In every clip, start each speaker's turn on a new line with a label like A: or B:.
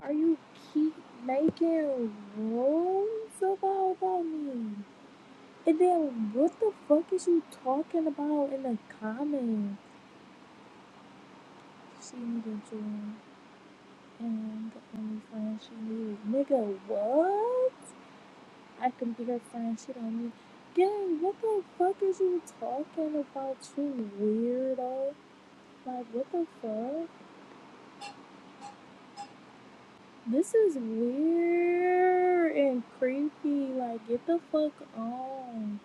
A: Are you keep making rules about, about me? And then what the fuck is you talking about in the comments? She needed you and the only friend she needed. Nigga, what? I can be her friend, she don't need Gang, what the fuck is you talking about, you weirdo? Like, what the fuck? This is weird and creepy. Like, get the fuck on.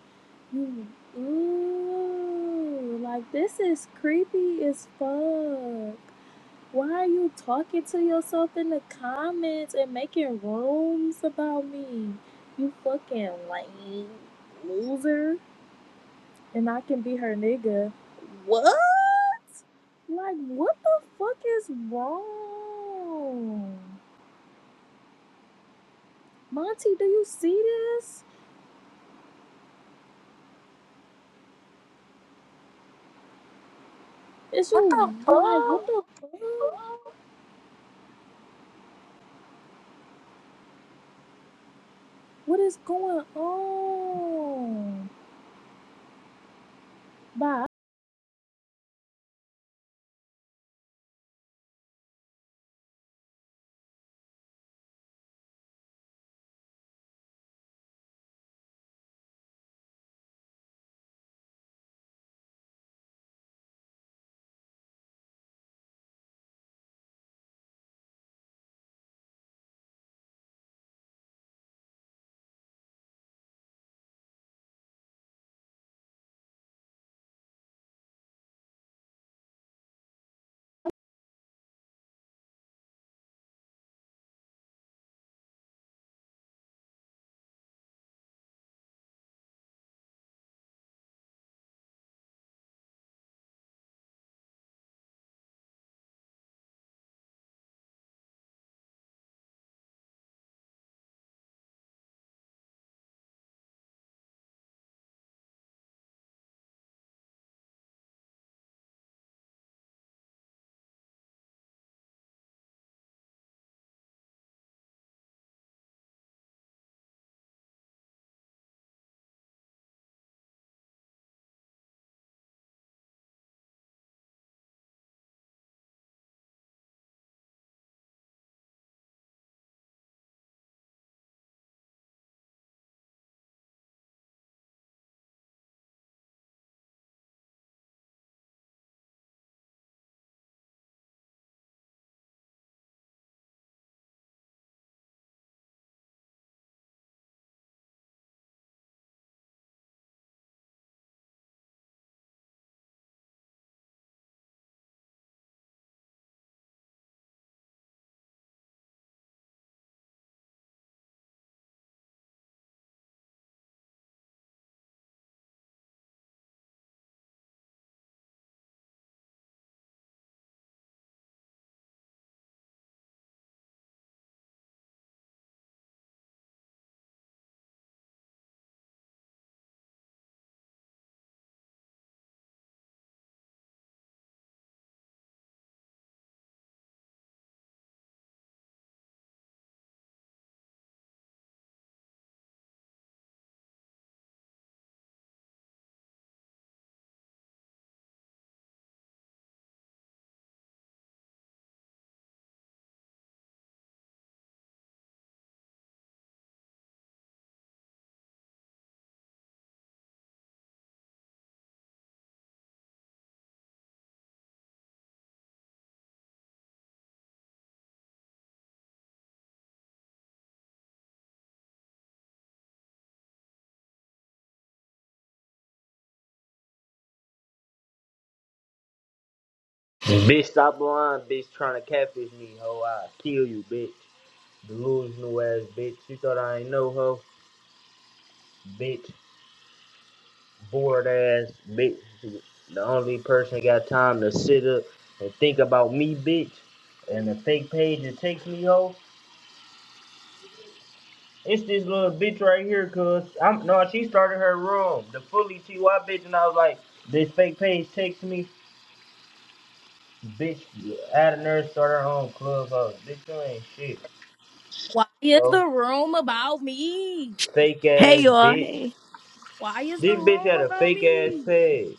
A: You- Ooh, like this is creepy as fuck. Why are you talking to yourself in the comments and making rooms about me? You fucking lame loser. And I can be her nigga. What? Like, what the fuck is wrong? Monty, do you see this? Is you
B: What the
A: like,
B: fuck?
A: what the fuck? What is going on? Bye.
C: Bitch, stop lying, bitch, trying to catfish me, ho. I kill you, bitch. Delusional ass bitch. You thought I ain't know, ho. Bitch, bored ass bitch. The only person got time to sit up and think about me, bitch. And the fake page that takes me, ho. It's this little bitch right here, cuz. I'm no, she started her room. The fully TY bitch, and I was like, this fake page takes me, bitch. Out of nerd, start her own clubhouse. Bitch, you ain't shit,
A: Why is
C: ho
A: the room about me?
C: fake
D: Hey
C: ass
D: y'all,
C: bitch.
D: hey.
A: Why is the
C: This bitch
A: room
C: had a
A: about
C: fake ass
A: me?
C: peg.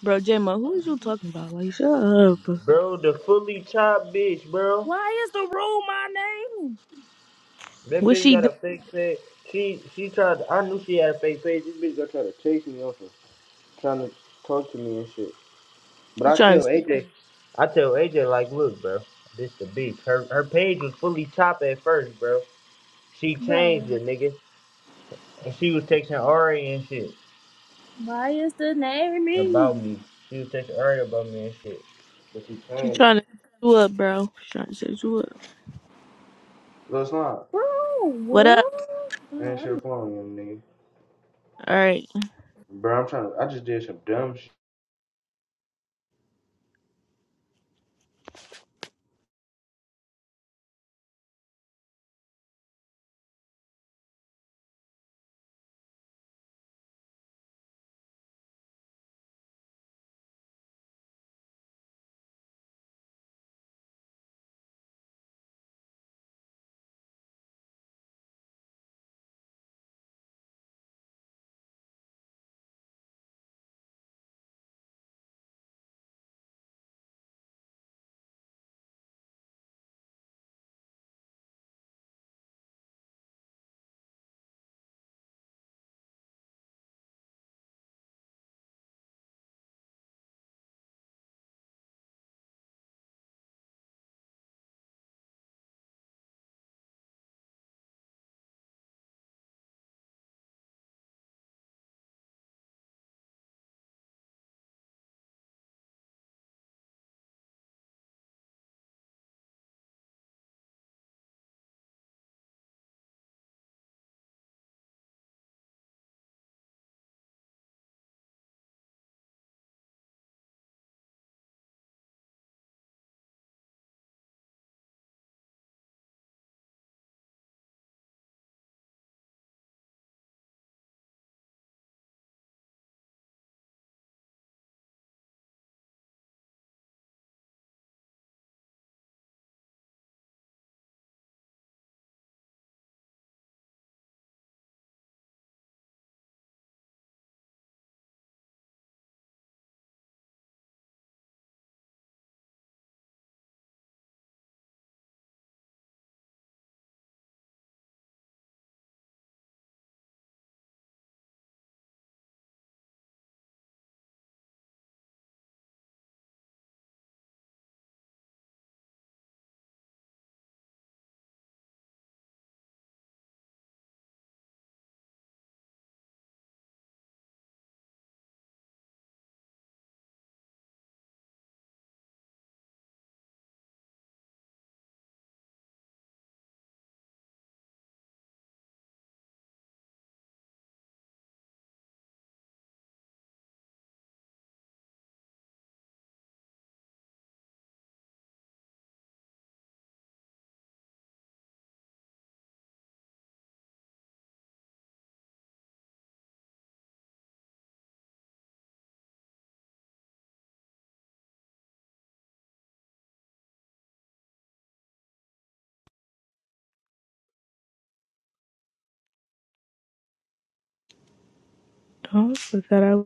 D: Bro Jamo, who is you talking about? Like shut up.
C: Bro, the fully chopped bitch, bro.
A: Why is the room my name?
C: That
D: What
C: bitch
D: she
C: got
D: do?
C: a fake peg. She she tried to, I knew she had a fake peg. This bitch gonna try to chase me off her, trying to talk to me and shit. But
D: She
C: I
D: trying
C: tell
D: to
C: AJ, I tell AJ like, look, bro, this the beef. Her her page was fully chopped at first, bro. She
A: Bro.
C: changed it, nigga. And she was texting Ari and shit
A: Why is the name me?
C: about me. She was texting Ari about me and shit. But she
D: she
C: changed
D: trying
C: it.
D: to set you up, bro. She trying to set you up.
C: Lil Slime,
A: Bro,
D: What up?
A: what? Bro,
C: answer
A: I'm
C: your phone, young nigga.
D: Alright.
C: Bro, I'm trying to. I just did some dumb shit.
D: Oh, I forgot I